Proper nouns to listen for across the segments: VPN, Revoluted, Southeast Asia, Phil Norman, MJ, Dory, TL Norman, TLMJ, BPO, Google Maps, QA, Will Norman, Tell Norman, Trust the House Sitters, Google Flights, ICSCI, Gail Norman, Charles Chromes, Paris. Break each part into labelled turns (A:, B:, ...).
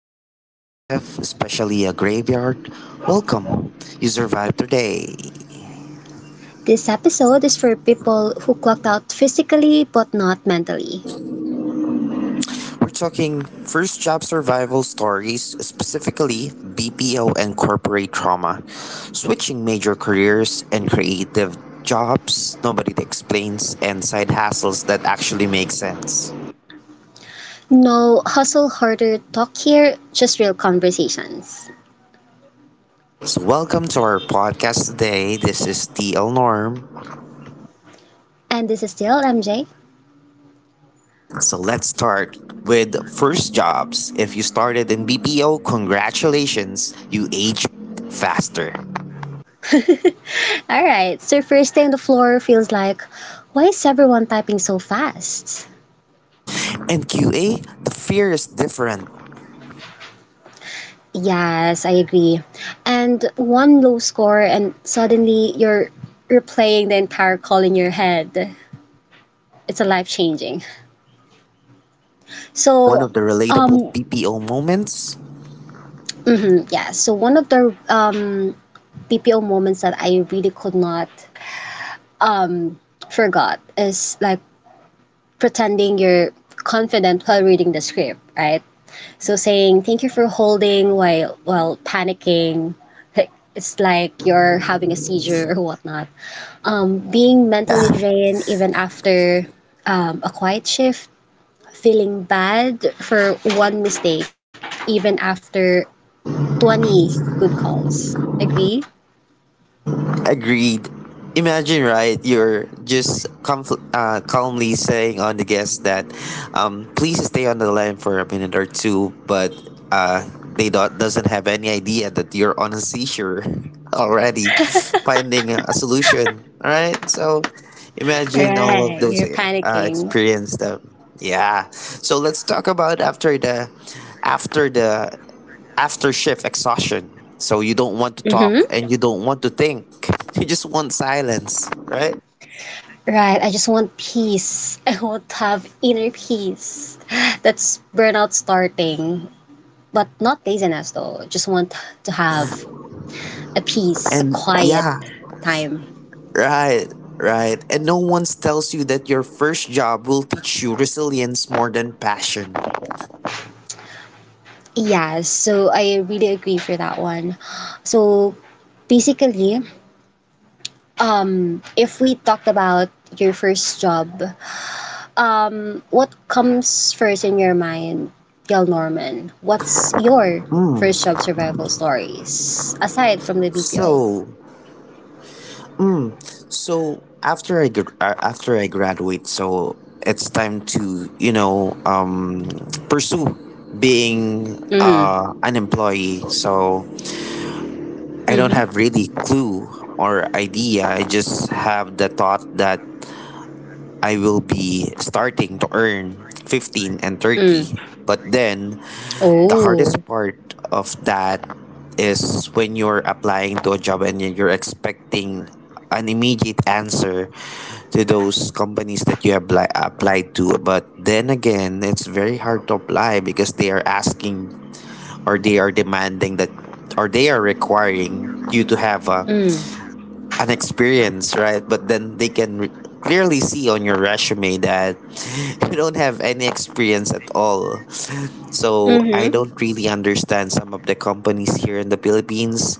A: after a long shift, especially a graveyard, welcome. You survived today.
B: This episode is for people who clocked out physically but not mentally.
A: We're talking first job survival stories, specifically BPO and corporate trauma, switching major careers and creative jobs nobody explains, and side hassles that actually make sense.
B: No hustle harder talk here, just real conversations.
A: So, welcome to our podcast today. This is TL Norm.
B: And this is still MJ.
A: So let's start with first jobs. If you started in BPO, congratulations, you age faster.
B: Alright, so first day on the floor feels like, why is everyone typing so fast?
A: In QA, the fear is different.
B: Yes, I agree. And one low score, and suddenly you're replaying the entire call in your head. It's a life changing.
A: And one
B: So,
A: of the relatable
B: um,
A: BPO moments.
B: yeah. So one of the BPO moments that I really could not forgot is like pretending you're confident while reading the script, right? So saying thank you for holding while panicking. It's like you're having a seizure or whatnot. Being mentally drained even after a quiet shift, feeling bad for one mistake even after 20 good calls. Agree?
A: Agreed. Imagine, right? You're just calmly saying on the guest that, please stay on the line for a minute or two, but uh, they doesn't have any idea that you're on a seizure already, finding a solution. All right, so imagine all of
B: Right,
A: those,
B: you're panicking.
A: experience them. Yeah. So let's talk about after the after shift exhaustion. So you don't want to talk
B: hmm
A: and you don't want to think. You just want silence, right?
B: Right, I just want peace. I want to have inner peace. That's burnout starting, but not laziness though. Just want to have a peace, a
A: And
B: quiet
A: yeah,
B: time.
A: right, right. And no one tells you that your first job will teach you resilience more than passion.
B: Yeah, so I really agree for that one. So basically, if we talked about your first job, what comes first in your mind, Gail Norman? What's your first job survival stories aside from the BPO?
A: So, hmm, so after I graduate, so it's time to pursue being
B: Mhm.
A: an employee. So I don't
B: Mhm.
A: have really clue or idea. I just have the thought that I will be starting to earn 15 and
B: Mm.
A: 30. But then the hardest
B: Oh.
A: part of that is when you're applying to a job and you're expecting an immediate answer to those companies that you apply applied to. But then again, it's very hard to apply because they are asking, or they are demanding that, or they are requiring you to have a
B: Mm.
A: an experience, right? But then they can clearly see on your resume that you don't have any experience at all. So I
B: Mhm.
A: don't really understand some of the companies here in the Philippines.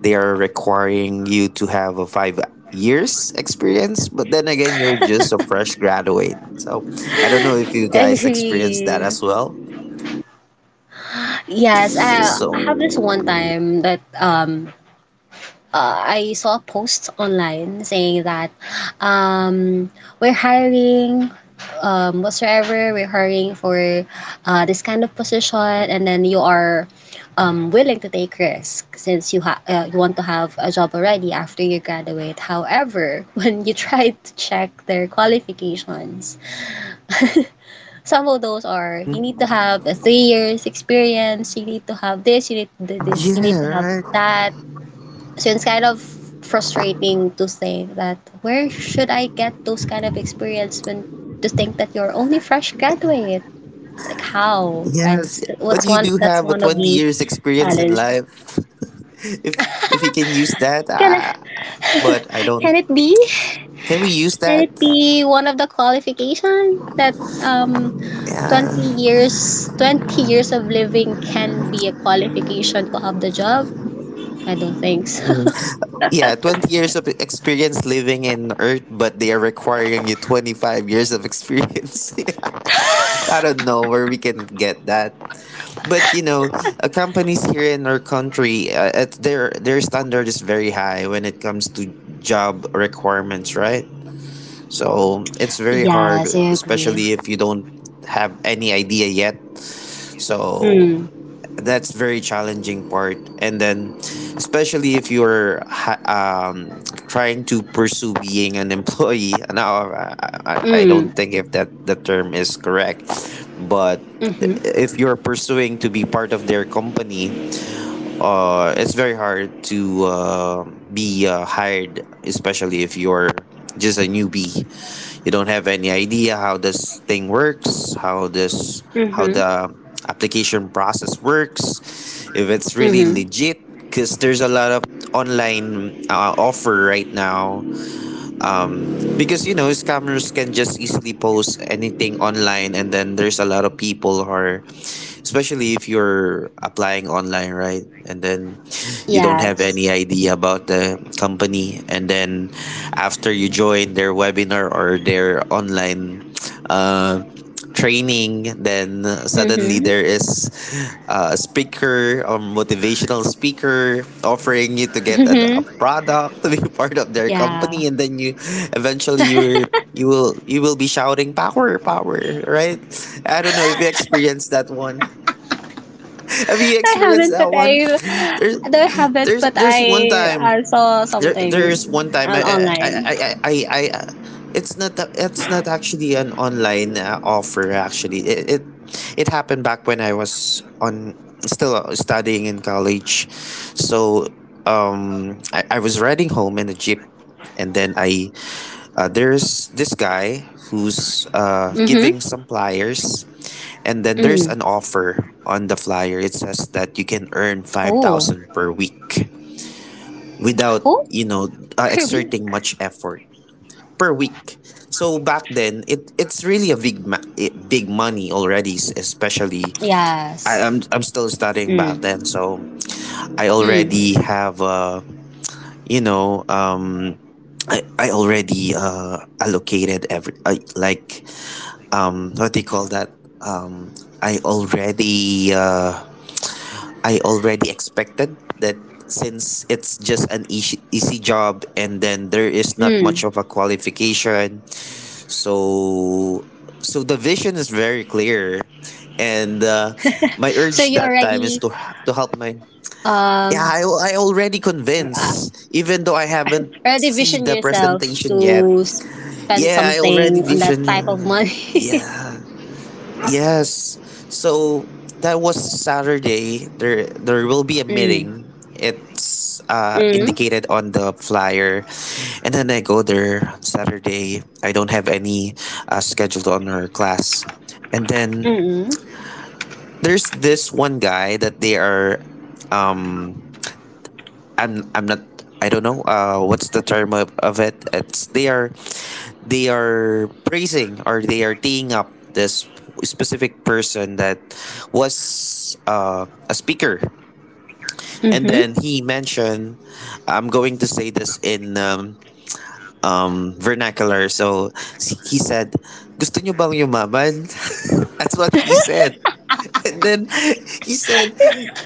A: They are requiring you to have a 5 years experience, but then again, you're just a fresh graduate. So I don't know if you guys experience that
B: Agree.
A: as well.
B: Yes, I have this
A: So,
B: one time that I saw a post online saying that um we're hiring whatsoever we're hiring for this kind of position, and then you are willing to take risk since you want to have a job already after you graduate. However, when you try to check their qualifications, some of those are, you need to have a 3 years experience, you need to have this, you need to do this, you need
A: yeah,
B: to have
A: right.
B: that. So it's kind of frustrating to think that where should I get those kind of experience when to think that you're only fresh graduate? Like how, right?
A: Yes,
B: It's what's
A: but you
B: one
A: do
B: that's
A: have a
B: one of
A: 20
B: the
A: years experience in
B: challenge.
A: life. If you can use that,
B: Can I,
A: but I don't.
B: can it be?
A: Can we use
B: Can
A: that?
B: it be one of the qualification that 20 years of living can be a qualification to have the job? I don't think so.
A: Mhm. Yeah, 20 years of experience living in Earth, but they are requiring you 25 years of experience. I don't know where we can get that. But companies here in our country, it's their standard is very high when it comes to job requirements, right? So it's very hard,
B: Yes, I agree.
A: especially if you don't have any idea yet. So
B: Mm.
A: that's very challenging part. And then, especially if you're trying to pursue being an employee. Now, I, I
B: Mm.
A: don't think if that the term is correct, but
B: Mm-hmm.
A: if you're pursuing to be part of their company, it's very hard to be hired, especially if you're just a newbie. You don't have any idea how this thing works, how
B: Mm-hmm.
A: the application process works, if it's really
B: Mm-hmm.
A: legit. Because there's a lot of online offer right now, because scammers can just easily post anything online, and then there's a lot of people who are, especially if you're applying online, right? And then you don't have
B: Yes.
A: any idea about the company, and then after you join their webinar or their online uh, training, then suddenly
B: Mm-hmm.
A: there is a speaker, a motivational speaker offering you to get a,
B: Mm-hmm.
A: a product to be part of their
B: Yeah.
A: company. And then you eventually you're you will be shouting power power, right? I don't know if you experienced that one. Have you
B: I
A: experienced
B: haven't, but
A: that
B: I,
A: one? there's
B: no, I haven't,
A: there's
B: but
A: there's
B: I
A: one time,
B: I saw
A: there
B: something
A: there's one time.
B: on online.
A: I it's not a- it's not actually an online offer. Actually, it happened back when I was on still studying in college. So I was riding home in a jeep, and then I there's this guy who's giving
B: Mm-hmm.
A: some flyers. And then there's
B: Mm.
A: an offer on the flyer. It says that you can earn
B: Oh.
A: 5,000 per week without
B: Oh, per
A: exerting
B: week.
A: much effort per week. So back then, it's really a big, big money already. Especially, I,
B: Yes.
A: I'm I'm still studying
B: Mm.
A: back then, so I
B: Mm.
A: already have you know um. I already allocated every, I like, what do you call that, um I already uh, I already expected that, since it's just an easy, easy job and then there is not
B: Mm.
A: much of a qualification. So so the vision is very clear, and my
B: So
A: urge
B: you
A: that time is to help my, yeah,
B: um
A: I already
B: uh,
A: convinced even though I haven't
B: already
A: see
B: vision
A: the
B: yourself to
A: presentation yet.
B: spend
A: Yeah, I already
B: something on that
A: vision.
B: type
A: Yeah,
B: of money.
A: yeah. Yes. So that was Saturday. There will be a
B: mm.
A: meeting. It's
B: Mm.
A: indicated on the flyer. And then I go there Saturday. I don't have any scheduled on our class. And then
B: Mm.
A: there's this one guy that they are, um I'm not, I don't know what's the term of it. It's, they are praising, or they are teeing up this specific person that was a speaker. And
B: Mm-hmm.
A: then he mentioned, I'm going to say this in vernacular. So he said, "Gusto nyo bang yumaman," that's what he said. And then he said,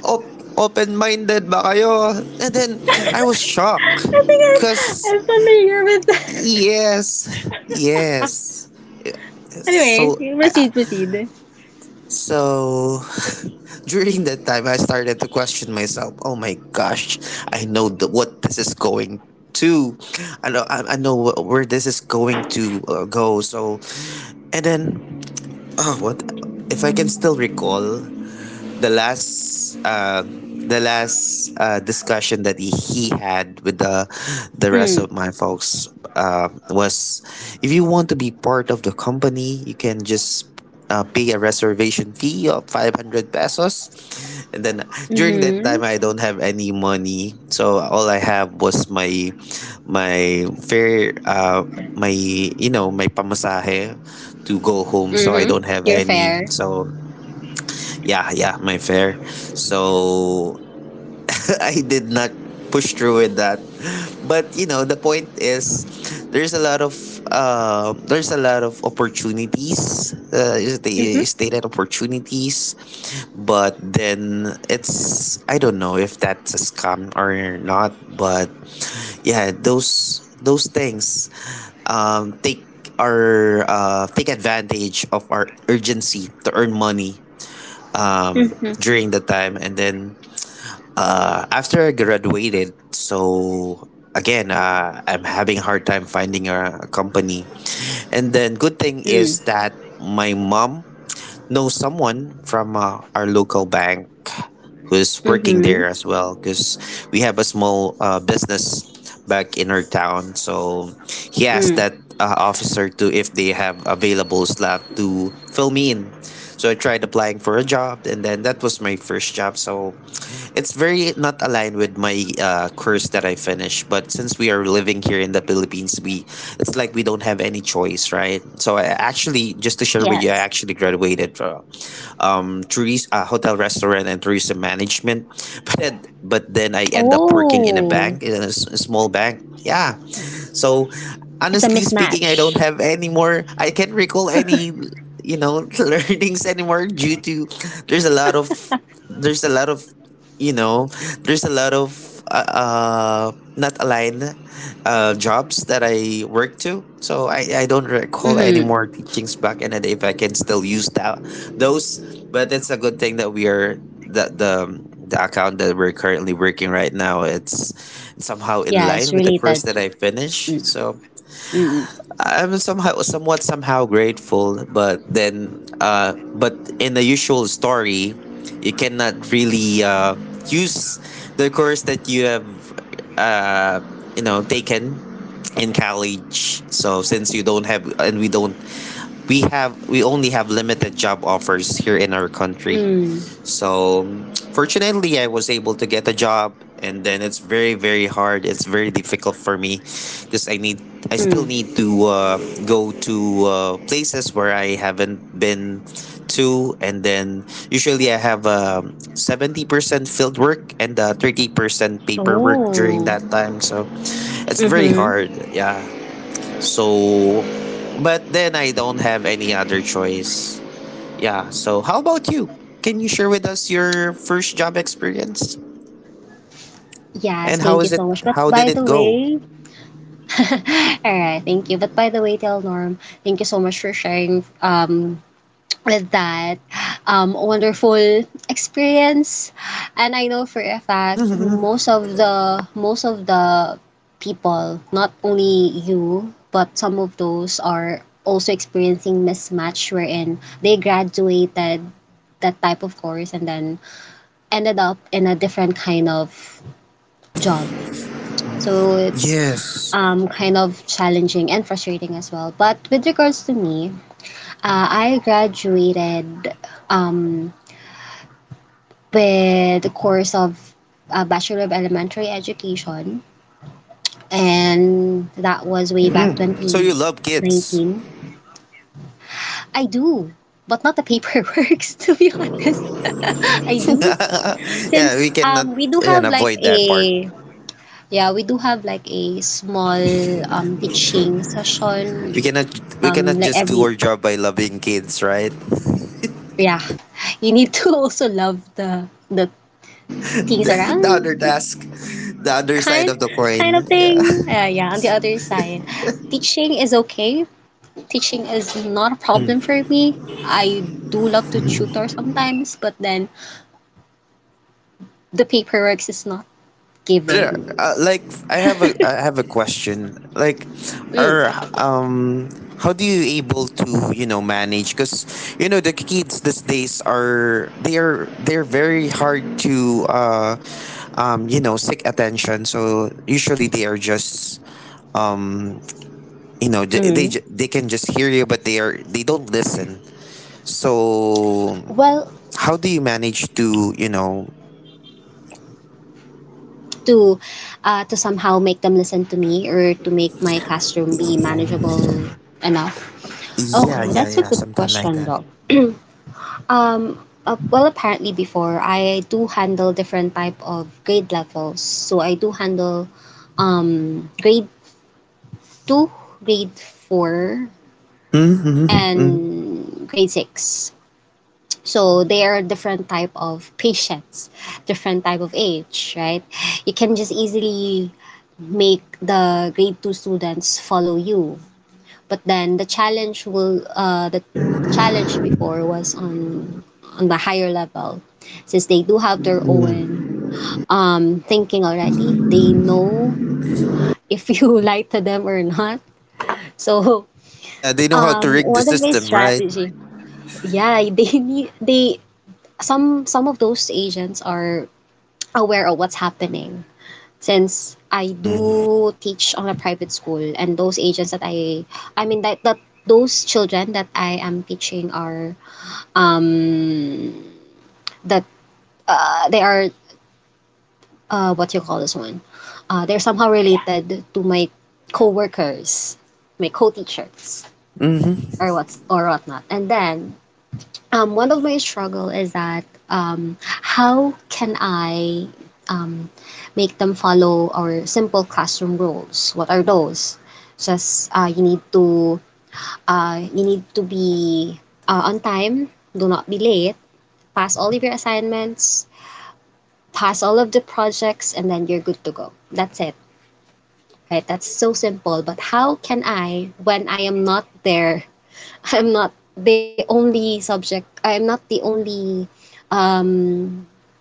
A: "Open-minded ba kayo?" And then I was shocked.
B: I think I,
A: Because,
B: I'm familiar with that.
A: yes, yes.
B: Anyways,
A: So, I,
B: proceed, proceed.
A: so, during that time, I started to question myself. Oh my gosh, I know what this is going to. I know where this is going to go. So, and then, oh, what if I can still recall the last uh, the last discussion that he had with the rest
B: Mm.
A: of my folks, was, if you want to be part of the company, you can just pay a reservation fee of 500 pesos. And then during that
B: Mm-hmm.
A: time, I don't have any money. So all I have was my fare, my you know my pamasahe, to go home. So I
B: Mm-hmm.
A: don't have
B: You're
A: any.
B: fair.
A: So yeah, yeah, my fair. So I did not push through with that. But the point is, there's a lot of there's a lot of opportunities. Is the
B: Mm-hmm.
A: stated opportunities, but then, it's I don't know if that's a scam or not. But yeah, those things, um take take advantage of our urgency to earn money, um,
B: Mm-hmm.
A: during that time. And then after I graduated, so again, I'm having a hard time finding a company. And then, good thing
B: Mm.
A: is that my mom know someone from our local bank, who's working
B: Mm-hmm.
A: there as well, because we have a small business back in our town. So he asked
B: Mm.
A: that officer to if they have available slot to fill me in. So I tried applying for a job, and then that was my first job. So it's very not aligned with my course that I finished, but since we are living here in the Philippines, we it's like we don't have any choice, right? So I actually, just to share with you, I
B: Yes.
A: actually graduated from hotel, restaurant, and tourism management, but then, but then I end up working in a
B: Oh,
A: bank, a small bank. Yeah, so
B: it's a
A: honestly speaking, I don't
B: mismatch.
A: have any more. I can't recall any, learnings anymore, due to there's a lot of there's a lot of you know there's a lot of not aligned jobs that I work to. So I don't recall any
B: Mm-hmm.
A: more teachings back in the day, if I can still use that those. But it's a good thing that we are that the account that we're currently working right now, it's somehow in
B: Yeah, it's
A: line with the
B: related
A: course that
B: to.
A: I finish.
B: Mm,
A: So
B: mm,
A: I'm somehow grateful, but then but in the usual story, you cannot really use the course that you have uh taken in college. So since you don't have, and we don't, we only have limited job offers here in our country.
B: mm,
A: So fortunately I was able to get a job, and then it's very very hard. It's very difficult for me because I still
B: mm.
A: need to go to places where I haven't been to, and then usually I have 70% field work and 30% paperwork during
B: Oh.
A: that time. So it's very
B: Mm-hmm.
A: hard. Yeah. So, but then I don't have any other choice. Yeah. So, how about you? Can you share with us your first job experience?
B: Yes,
A: And how
B: thank you
A: is it?
B: so much. But
A: How did
B: by
A: it
B: the
A: go?
B: way, all right, thank you. But by the way, Tell Norm, thank you so much for sharing with that wonderful experience. And I know for a fact, most of the people, not only you, but some of those are also experiencing mismatch, wherein they graduated that type of course and then ended up in a different kind of job. So it's
A: Yes.
B: kind of challenging and frustrating as well. But with regards to me, I graduated um, with the course of Bachelor of Elementary Education, and that was way back
A: So you love kids.
B: 2019. I do, but not the paperwork, to be honest. I do.
A: Yeah,
B: Since
A: we cannot
B: we do
A: and
B: have like
A: avoid that part.
B: a, yeah, we do have like a small teaching
A: We
B: session
A: cannot we cannot
B: like
A: just do
B: every,
A: our job by loving kids, right?
B: yeah. You need to also love the things
A: The
B: around,
A: other task, the other
B: kind
A: side of the
B: kind of
A: coin. Yeah.
B: thing. Yeah, on the other side, teaching is okay. Teaching is not a problem for me. I do love to tutor sometimes, but then the paperwork is not
A: But
B: giving.
A: like I have a question. Like,
B: Mm,
A: are how do you able to manage? Because the kids these days are they're very hard to seek attention. So usually they are just um
B: mm.
A: they can just hear you but they don't listen. So
B: Well,
A: how do you manage to
B: to to somehow make them listen to me or to make my classroom be manageable enough.
A: yeah,
B: Okay,
A: yeah,
B: that's a
A: yeah,
B: good
A: something like
B: question,
A: that.
B: though. Um, well, apparently before I do handle different type of grade levels. So I do handle grade two, grade four,
A: Hmm.
B: and grade six. So they are different type of patients, different type of age, right? You can just easily make the grade two students follow you, but then the challenge will, the challenge before was on the higher level, since they do have their
A: Mm.
B: own thinking already. They know if you lie to them or not. So
A: Yeah, they know how to rig the
B: one of my
A: system, right?
B: strategy, yeah, they need they some of those Asians are aware of what's happening, since I
A: Mm.
B: do teach on a private school, and those agents that I mean, that those children that I am teaching are, that they are, what you call this one, they're somehow related to my co-workers, my co-teachers,
A: Mm-hmm. Hmm.
B: or what's, or whatnot. And then one of my struggle is that, how can I, um, make them follow our simple classroom rules? What are those? Just, you need to be, on time. Do not be late. Pass all of your assignments. Pass all of the projects, and then you're good to go. That's it. Right? That's so simple. But how can I, when I am not there, I'm not the only subject. I am not the only um,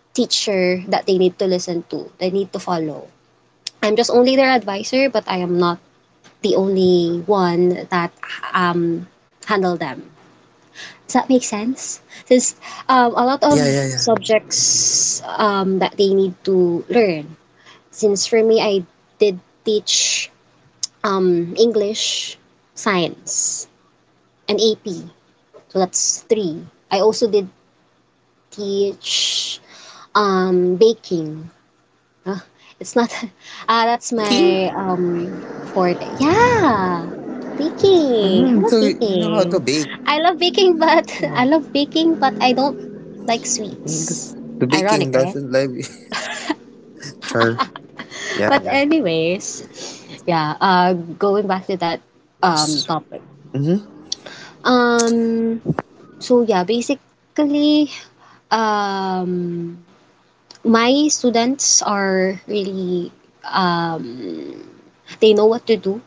B: teacher that they need to listen to, they need to follow. I'm just only their advisor, but I am not the only one that um, handle them. Does that make sense? Since a lot
A: Yeah,
B: of
A: yeah, yeah, yeah.
B: subjects that they need to learn. Since for me, I did teach English, science, and AP. So that's three. I also did teach baking. Uh, it's not. Ah, that's
A: Baking?
B: my forte. Yeah, baking. I
A: Hmm.
B: love
A: So you know how to
B: baking.
A: bake.
B: I love baking, but I love
A: Yeah.
B: baking, but I don't like sweets.
A: The
B: Ironic,
A: baking
B: right?
A: doesn't like sure. Yeah,
B: But
A: yeah.
B: anyways, yeah. Going back to that topic.
A: Mm-hmm.
B: Um. So yeah, basically, um, my students are really, um they know what to do,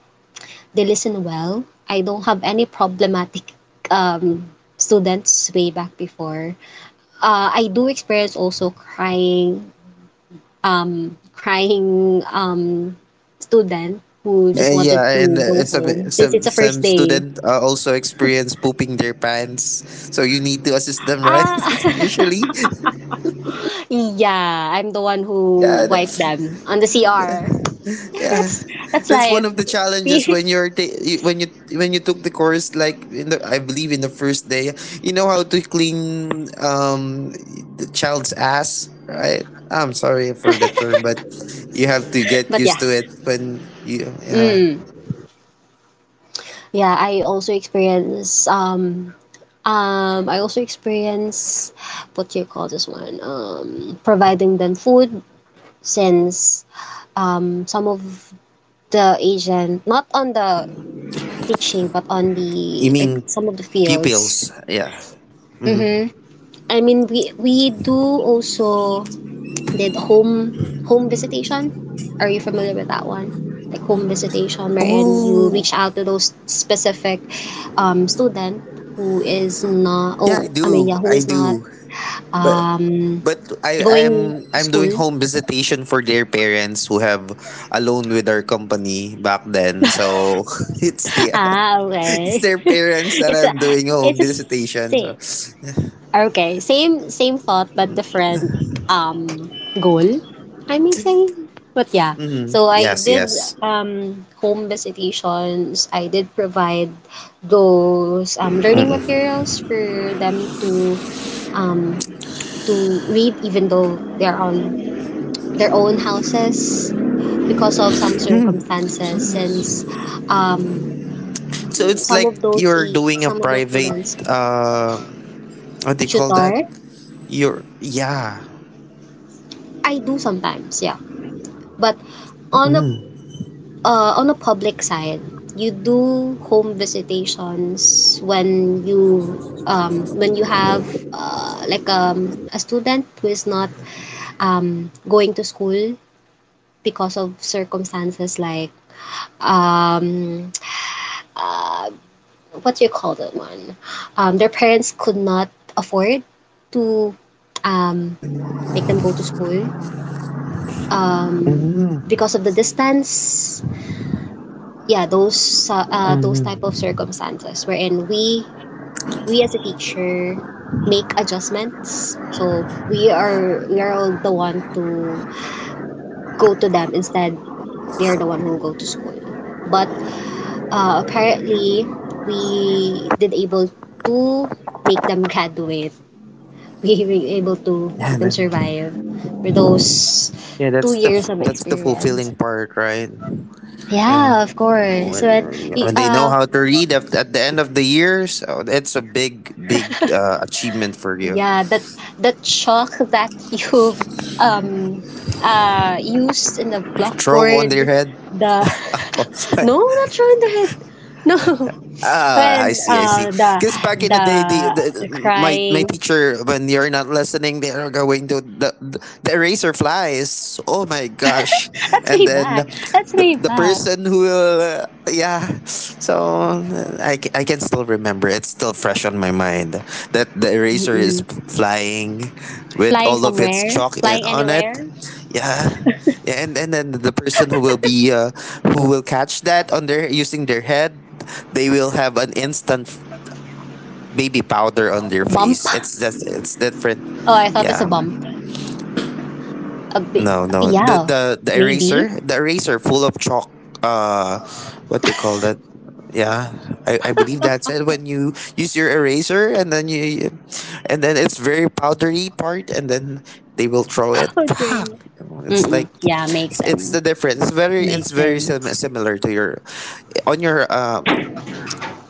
B: they listen well. I don't have any problematic um, students way back before. I do experience also crying, student who just
A: And yeah,
B: wanted
A: and
B: to go home since it's a first
A: some
B: day.
A: student also experience pooping their pants, so you need to assist them, right?
B: Ah,
A: Usually,
B: yeah, I'm the one who
A: yeah,
B: wiped them on the CR. Yeah,
A: Yeah,
B: that's
A: that's one
B: life.
A: of the challenges when you're when you took the course like in the I believe in the first day, you know how to clean the child's ass, right? I'm sorry for the term, but you have to get
B: but yeah,
A: used to it when you yeah.
B: mm. Yeah, I also experience, what do you call this one? Providing them food since some of the Asian, not on the teaching but on
A: You
B: the, like,
A: mean
B: some of the fields.
A: pupils? Yeah.
B: Mm-hmm. I mean, we do also did home visitation. Are you familiar with that one? Like home visitation, wherein you
A: Oh,
B: reach out to those specific student who is not,
A: yeah, I
B: oh I mean,
A: do.
B: yeah, who
A: I
B: is not
A: do. But
B: um,
A: but I
B: going
A: I'm
B: to
A: I'm
B: school.
A: doing home visitation for their parents who have a loan with our company back then. So it's the
B: Ah,
A: it's
B: okay.
A: their parents that
B: It's a
A: I'm doing home
B: it's a
A: visitation. So
B: same. Okay, same thought but different goal. I may say, but yeah. So I
A: yes,
B: did
A: yes.
B: home visitations. I did provide those learning materials for them um to read even though they're on their own houses because of some circumstances, since um
A: So it's like you're doing a
B: some of those
A: private
B: students
A: uh what do you call that?
B: tutor.
A: You're yeah.
B: I do sometimes, yeah. But on a on a public side, you do home visitations when you, when you have, like, a student who is not going to school because of circumstances like, um, what do you call that one? Their parents could not afford to, um, make them go to school because of the distance, yeah, those, those type of circumstances wherein we as a teacher make adjustments, so we are the one to go to them instead, they are the one who go to school, but, apparently we did able to make them graduate. We were able to
A: Yeah,
B: make them
A: that,
B: survive for those
A: yeah,
B: two
A: that's
B: years of
A: that's the
B: experience,
A: fulfilling part, right? Yeah.
B: yeah, of course, but y-
A: When they know
B: uh
A: how to read at the end of the year, so it's a big, big achievement for you.
B: Yeah, that chalk that you've um used in the
A: Throw on their
B: blackboard,
A: head.
B: the— no, not drawing the head. No,
A: Ah, I
B: when
A: see, I see. Because back in the day,
B: the the
A: the my
B: crying.
A: teacher, when you're not listening, they are going to the eraser flies. Oh my gosh!
B: That's
A: And
B: way
A: then
B: back. That's way
A: the
B: back.
A: person who will, yeah. So I can still remember. It's still fresh on my mind that the eraser is
B: Mm-mm.
A: flying with
B: Flying
A: all of its
B: somewhere,
A: chalk in,
B: flying
A: on it
B: anywhere.
A: yeah yeah and then the person who will be who will catch that on their using their head they will have an instant baby powder on their
B: Bump.
A: face. It's just it's different,
B: Oh, I thought it's a
A: yeah.
B: bump. A bit.
A: No. The
B: Yeah,
A: the the
B: maybe.
A: eraser, the eraser full of chalk. Uh, what they call that? Yeah, I believe that's it. When you use your eraser and then you, and then it's very powdery part, and then they will throw it. Fuck.
B: Okay.
A: It's like,
B: Mm-mm. Yeah, makes
A: it's
B: sense.
A: the difference. It's very it's
B: Makes
A: very sim-
B: sense.
A: similar to your, on your.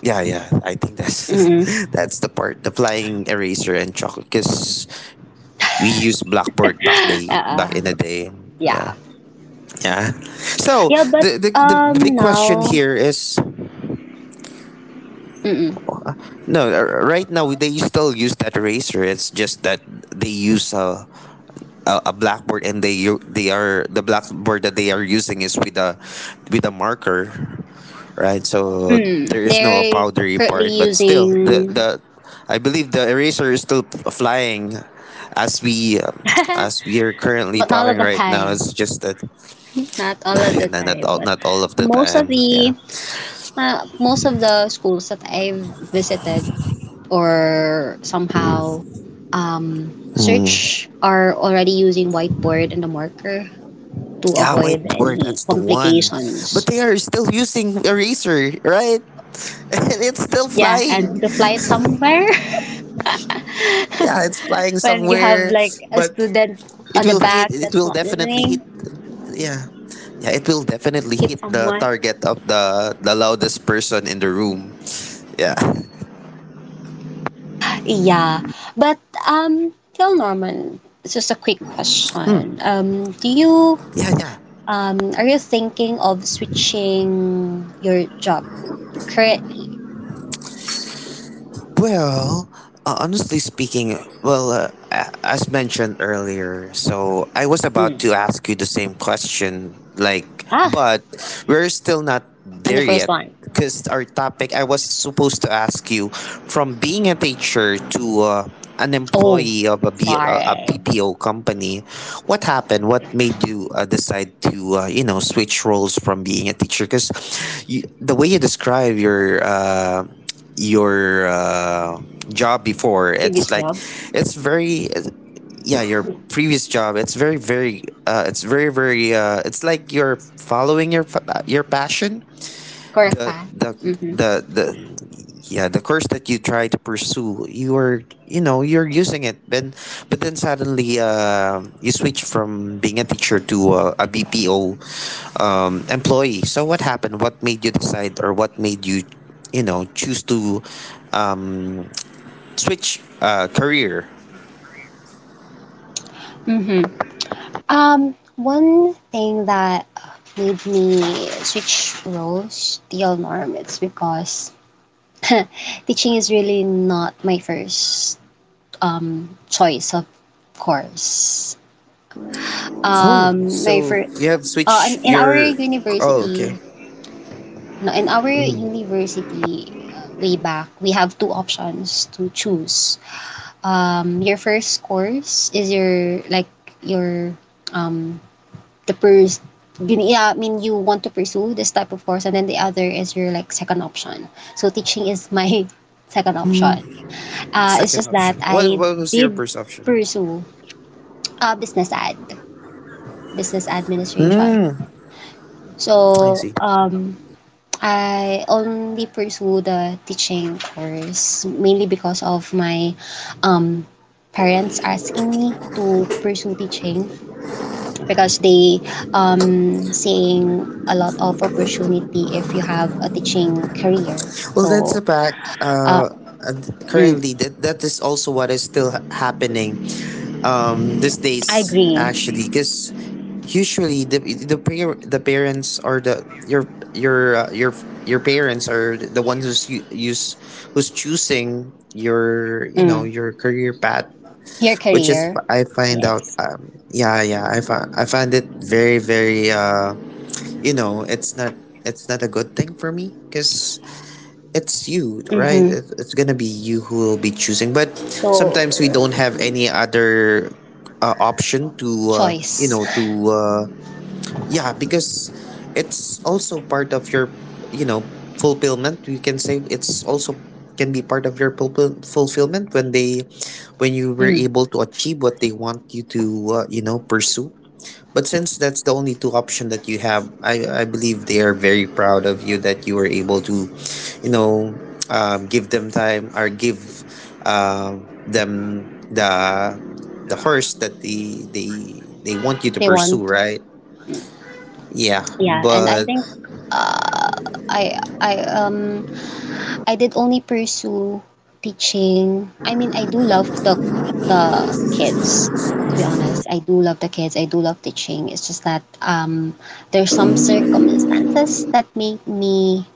A: Yeah, yeah. I think that's
B: Mm-mm.
A: that's the part. The flying eraser and chalk, because we used blackboard
B: uh,
A: back in the day.
B: yeah.
A: Yeah. Yeah. So
B: Yeah, but
A: the big question
B: now,
A: here is
B: mm-mm,
A: no. Right now they still use that eraser. It's just that they use a blackboard and they are the blackboard that they are using is with a marker, right? So
B: mm,
A: there is no a
B: they're
A: powdery
B: currently
A: part, but still
B: using,
A: the I believe the eraser is still flying as we are currently
B: but not all of
A: talking
B: the
A: right now.
B: time.
A: It's just that
B: Not all of the time, but
A: not all of the
B: most of
A: time. Yeah.
B: the most of the schools that I've visited or somehow search are already using whiteboard and a marker to
A: Yeah,
B: avoid
A: whiteboard.
B: any
A: That's the one. But
B: complications.
A: they are still using eraser, right? And it's still
B: Yeah, and
A: flying.
B: to fly it somewhere.
A: Yeah, it's flying
B: When you have
A: somewhere,
B: like a
A: but
B: student
A: it
B: on the
A: will hit.
B: back
A: It
B: that's
A: will
B: not
A: definitely hit.
B: listening,
A: Yeah, yeah. It will definitely
B: hit
A: hit the
B: someone.
A: target of the loudest person in the room. Yeah,
B: Yeah, but Phil Norman, it's just a quick question. Do you
A: yeah, yeah.
B: are you thinking of switching your job currently?
A: Well, honestly speaking, well, as mentioned earlier, so I was about
B: Mm.
A: to ask you the same question, like,
B: Ah,
A: but we're still not
B: I'm the
A: there
B: first
A: yet.
B: one.
A: Because our topic, I was supposed to ask you from being a teacher to an
B: Oh,
A: employee of a, B, a
B: sorry.
A: PPO company, what happened? What made you decide to, you know, switch roles from being a teacher? Because the way you describe your your uh, job before, it's
B: Previous
A: like
B: job.
A: it's very yeah your previous job, it's very very it's like you're following your your passion
B: Correct
A: the
B: ba?
A: the
B: Mm-hmm.
A: the yeah the course that you try to pursue you're you know you're using it then but then suddenly you switch from being a teacher to a BPO employee, so what happened, what made you decide or what made you you know choose to um, switch career.
B: Mm-hmm. One thing that made me switch roles to Norm it's because teaching is really not my first choice of course.
A: Oh,
B: Um, my
A: so
B: fir-
A: you have
B: uh, in,
A: switched
B: in our
A: your oh
B: university,
A: okay
B: no, in our university way back, we have two options to choose. Your first course is your like your the pers yeah I mean you want to pursue this type of course, and then the other is your like second option. So teaching is my second option. It's
A: second
B: just that
A: option,
B: i
A: what was your
B: did
A: first option?
B: pursue uh business ad business administration.
A: Hmm. I
B: So
A: see.
B: um, I only pursue the teaching course mainly because of my um parents asking me to pursue teaching because they seeing a lot of opportunity if you have a teaching career.
A: Well, that's
B: So
A: a fact.
B: uh
A: And
B: mm,
A: currently, that that is also what is still happening these
B: I
A: days,
B: agree.
A: actually, because usually the the parents or the your your uh, your your parents are the ones who's u- use who's choosing your you know
B: Mm,
A: your career path,
B: your
A: which is
B: career,
A: I find out.
B: yes.
A: Yeah, yeah, I find it very very you know it's not a good thing for me because it's you, right?
B: Mm-hmm.
A: It's gonna be you who will be choosing. But
B: So
A: sometimes we don't have any other option to, you
B: choice.
A: know, to uh, yeah, because it's also part of your, you know, fulfillment. You can say it's also can be part of your fulfillment when they when you were
B: Mm,
A: able to achieve what they want you to you know pursue, but since that's the only two option that you have, I believe they are very proud of you that you were able to, you know, give them time or give them the course that they want you to
B: they
A: pursue,
B: want.
A: right? Yeah,
B: Yeah, and I
A: but
B: think uh I I um I did only pursue teaching. I mean, I do love the kids. To be honest, I do love the kids. I do love teaching. It's just that there's some circumstances that made me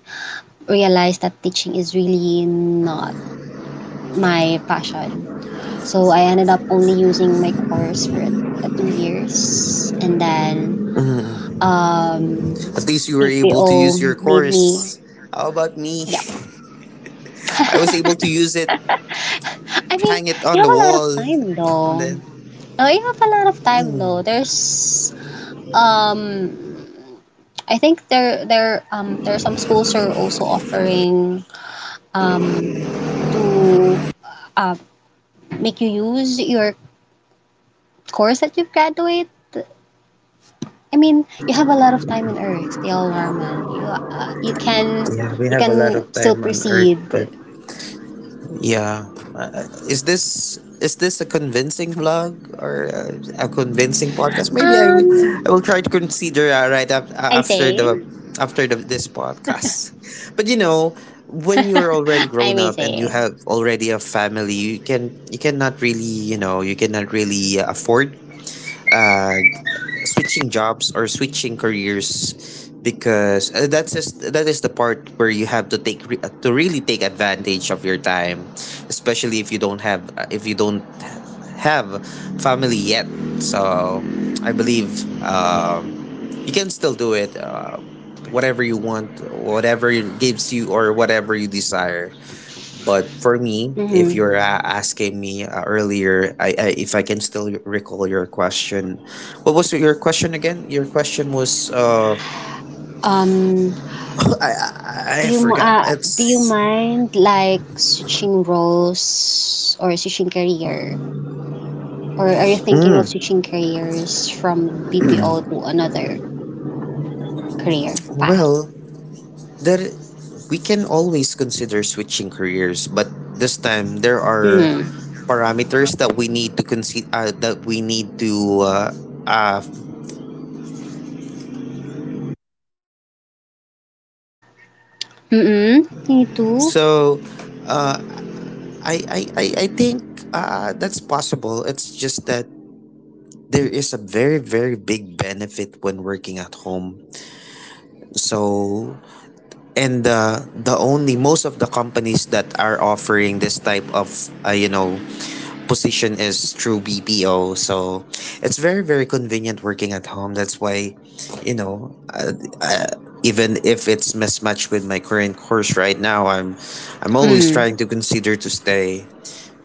B: realize that teaching is really not my passion. So I ended up only using my course for 2 years, and then
A: mm,
B: um,
A: at least you were able to
B: PPO
A: use your
B: made me.
A: course. How about me?
B: Yeah,
A: I was able to use it,
B: I mean,
A: hang it
B: you
A: on the
B: have a lot of
A: wall,
B: time
A: and
B: though.
A: then
B: Oh, you have a lot of time, though. There's um I think there are some schools are also offering um to uh, make you use your course that you've graduated. I mean, you have a lot of time in Earth, Tell Norman. You you can
A: yeah, we have a lot of
B: still
A: time on Earth,
B: proceed.
A: but Yeah. Is this a convincing vlog or a convincing podcast? Maybe
B: Um,
A: I will try to consider right
B: I say,
A: after the, this podcast. But you know, when you're already
B: I
A: grown
B: may
A: up and you
B: say.
A: have already a family, you can you cannot really, you know, you cannot really afford uh, switching jobs or switching careers because that's just, that is the part where you have to take to really take advantage of your time, especially if you don't have if you don't have family yet. So I believe um, you can still do it whatever you want, whatever gives you or whatever you desire. But for me, if
B: Mm-hmm.
A: you're asking me earlier, I if I can still recall your question, what was your question again? Your question was
B: Um,
A: I
B: Do
A: I
B: you m-
A: forgot.
B: uh, do you
A: It's
B: mind like switching roles or switching career, or are you thinking of switching careers from BPO to another career path?
A: well there we can always consider switching careers, but this time there are
B: Mm.
A: parameters that we need to consider that we need to uh
B: Mm-mm. Me too.
A: so uh, I I think that's possible. It's just that there is a very very big benefit when working at home. So and the only most of the companies that are offering this type of you know position is through BPO. So it's very, very convenient working at home. That's why, you know, uh, even if it's mismatched with my current course right now, I'm always
B: Mm.
A: trying to consider to stay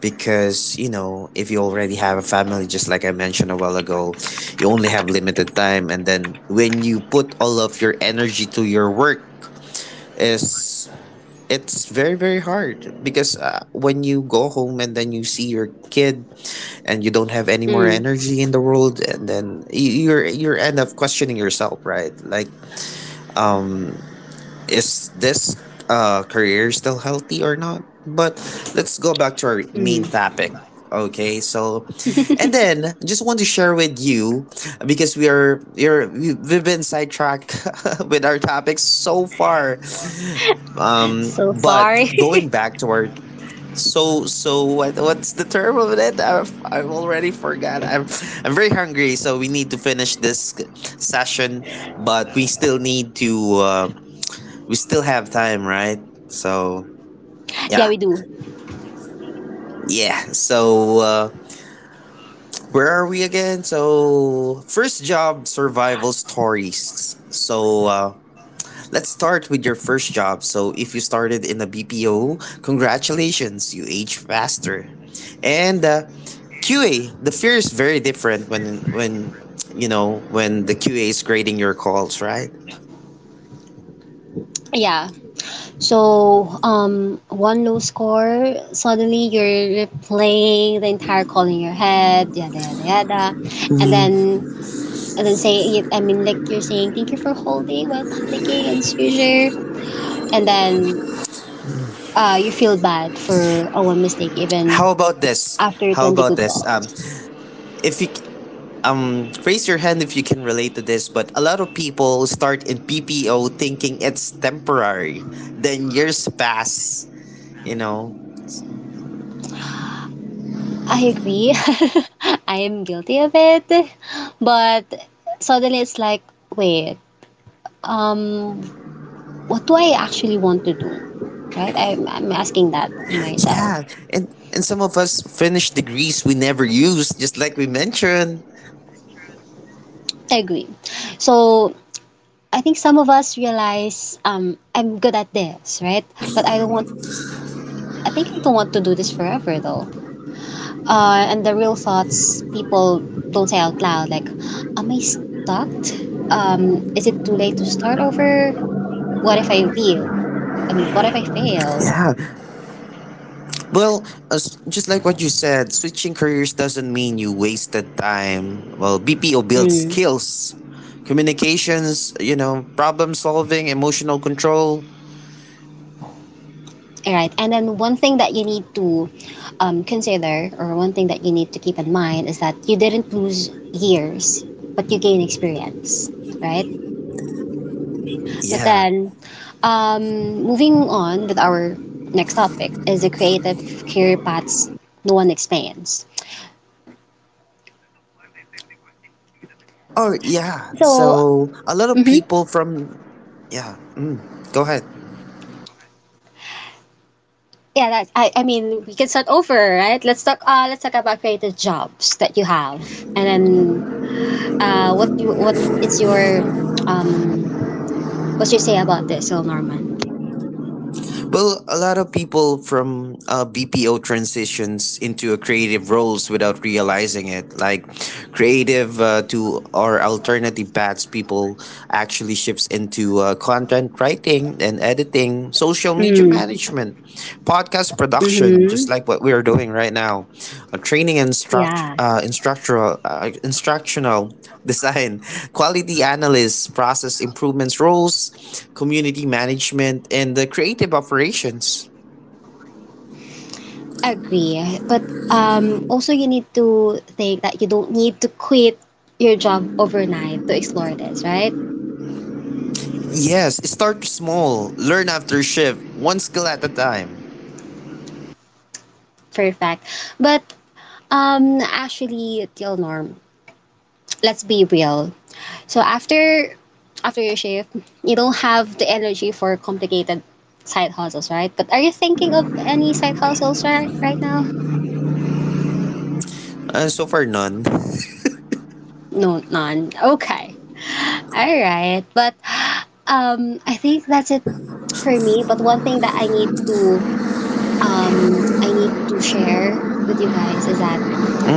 A: because you know if you already have a family just like I mentioned a while ago, you only have limited time, and then when you put all of your energy to your work is it's very very hard because when you go home and then you see your kid and you don't have any more
B: Mm.
A: energy in the world, and then you end up questioning yourself right like um is this career still healthy or not? But let's go back to our main
B: Mm.
A: topic. Okay, so and then just want to share with you because we are you're we- we've been sidetracked with our topics so far.
B: So
A: But
B: sorry.
A: going back to our so so what what's the term of it? I've already forgot. I'm very hungry, so we need to finish this session. But we still need to. Uh, we still have time, right? So
B: Yeah,
A: yeah,
B: we do.
A: yeah. So where are we again? So first job survival stories. So let's start with your first job. So if you started in a BPO, congratulations, you age faster. And QA, the fear is very different when you know when the QA is grading your calls, right?
B: Yeah. So, one low score, suddenly you're replaying the entire call in your head, yada yada yada. And then saying it, I mean, like you're saying, thank you for holding while panicking and seizure. And then you feel bad for a one mistake even
A: How about this?
B: after
A: How
B: 20
A: about
B: good
A: this?
B: calls.
A: If you raise your hand if you can relate to this, but a lot of people start in PPO thinking it's temporary. Then years pass, you know.
B: I agree. I am guilty of it. But suddenly it's like, wait, um, what do I actually want to do? Right? I'm asking that myself.
A: Yeah, and and some of us finish degrees we never use, just like we mentioned.
B: I agree. So I think some of us realize I'm good at this, right? But I think I don't want to do this forever though. And the real thoughts people don't say out loud, like, am I stuck? Is it too late to start over? What if I leave? I mean, what if I fail?
A: Yeah. Well, as, just like what you said, switching careers doesn't mean you wasted time. Well, BPO builds
B: Mm.
A: skills, communications, you know, problem solving, emotional control.
B: All right. And then one thing that you need to consider, or one thing that you need to keep in mind, is that you didn't lose years, but you gain experience, right? But
A: Yeah.
B: then, moving on with our next topic is the creative career paths no one explains.
A: Oh, yeah.
B: So,
A: So a lot of
B: mhm.
A: people from, yeah, mm, go ahead.
B: Yeah, that's, I mean, we can start over, right? Let's talk. Let's talk about creative jobs that you have, and then, what you what is your um, what's your say about this, Will Norman?
A: Well, a lot of people from BPO transitions into creative roles without realizing it. Like creative to or alternative paths, people actually shifts into content writing and editing, social media
B: Mm.
A: management, podcast production,
B: Mm-hmm.
A: just like what we are doing right now, training and struct-
B: Yeah.
A: instructional, instructional design, quality analysts, process improvements roles, community management, and the creative operations.
B: Agree. But also, you need to think that you don't need to quit your job overnight to explore this, right?
A: Yes, start small, learn after shift, one skill at a time.
B: Perfect. But actually, till norm, let's be real. So after your shift, you don't have the energy for complicated side hustles, right? But are you thinking of any side hustles right now?
A: So far, none.
B: No, none. Okay. All right. But I think that's it for me. But one thing that I need to share with you guys is that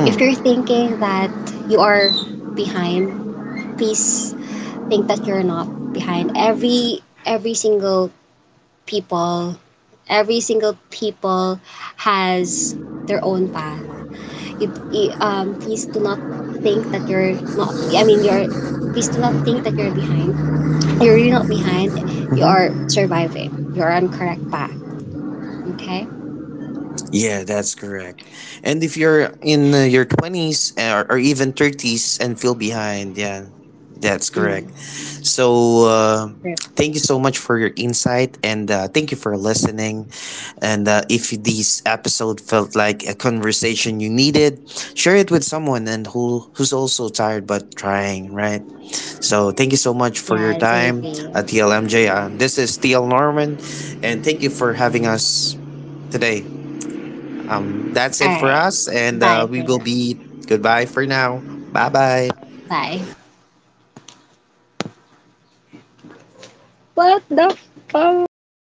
B: if you're thinking that you are behind, please think that you're not behind. Every single people, every single people has their own path. Please do not think that you're not. I mean, you're. Please do not think that you're behind. You're really not behind. You are surviving. You're on correct path. Okay.
A: Yeah, that's correct. And if you're in your 20s or even 30s and feel behind, yeah, that's
B: Mm.
A: correct. So, thank you so much for your insight and thank you for listening. And if this episode felt like a conversation you needed, share it with someone and who who's also tired but trying, right? So, thank you so much for your
B: Yes, I
A: time,
B: agree.
A: TLMJ. This is TL Norman, and thank you for having us today. That's
B: All
A: it for
B: right.
A: us, and
B: Bye
A: we
B: for
A: will
B: now.
A: be goodbye for now. Bye bye.
B: Bye. What the fuck?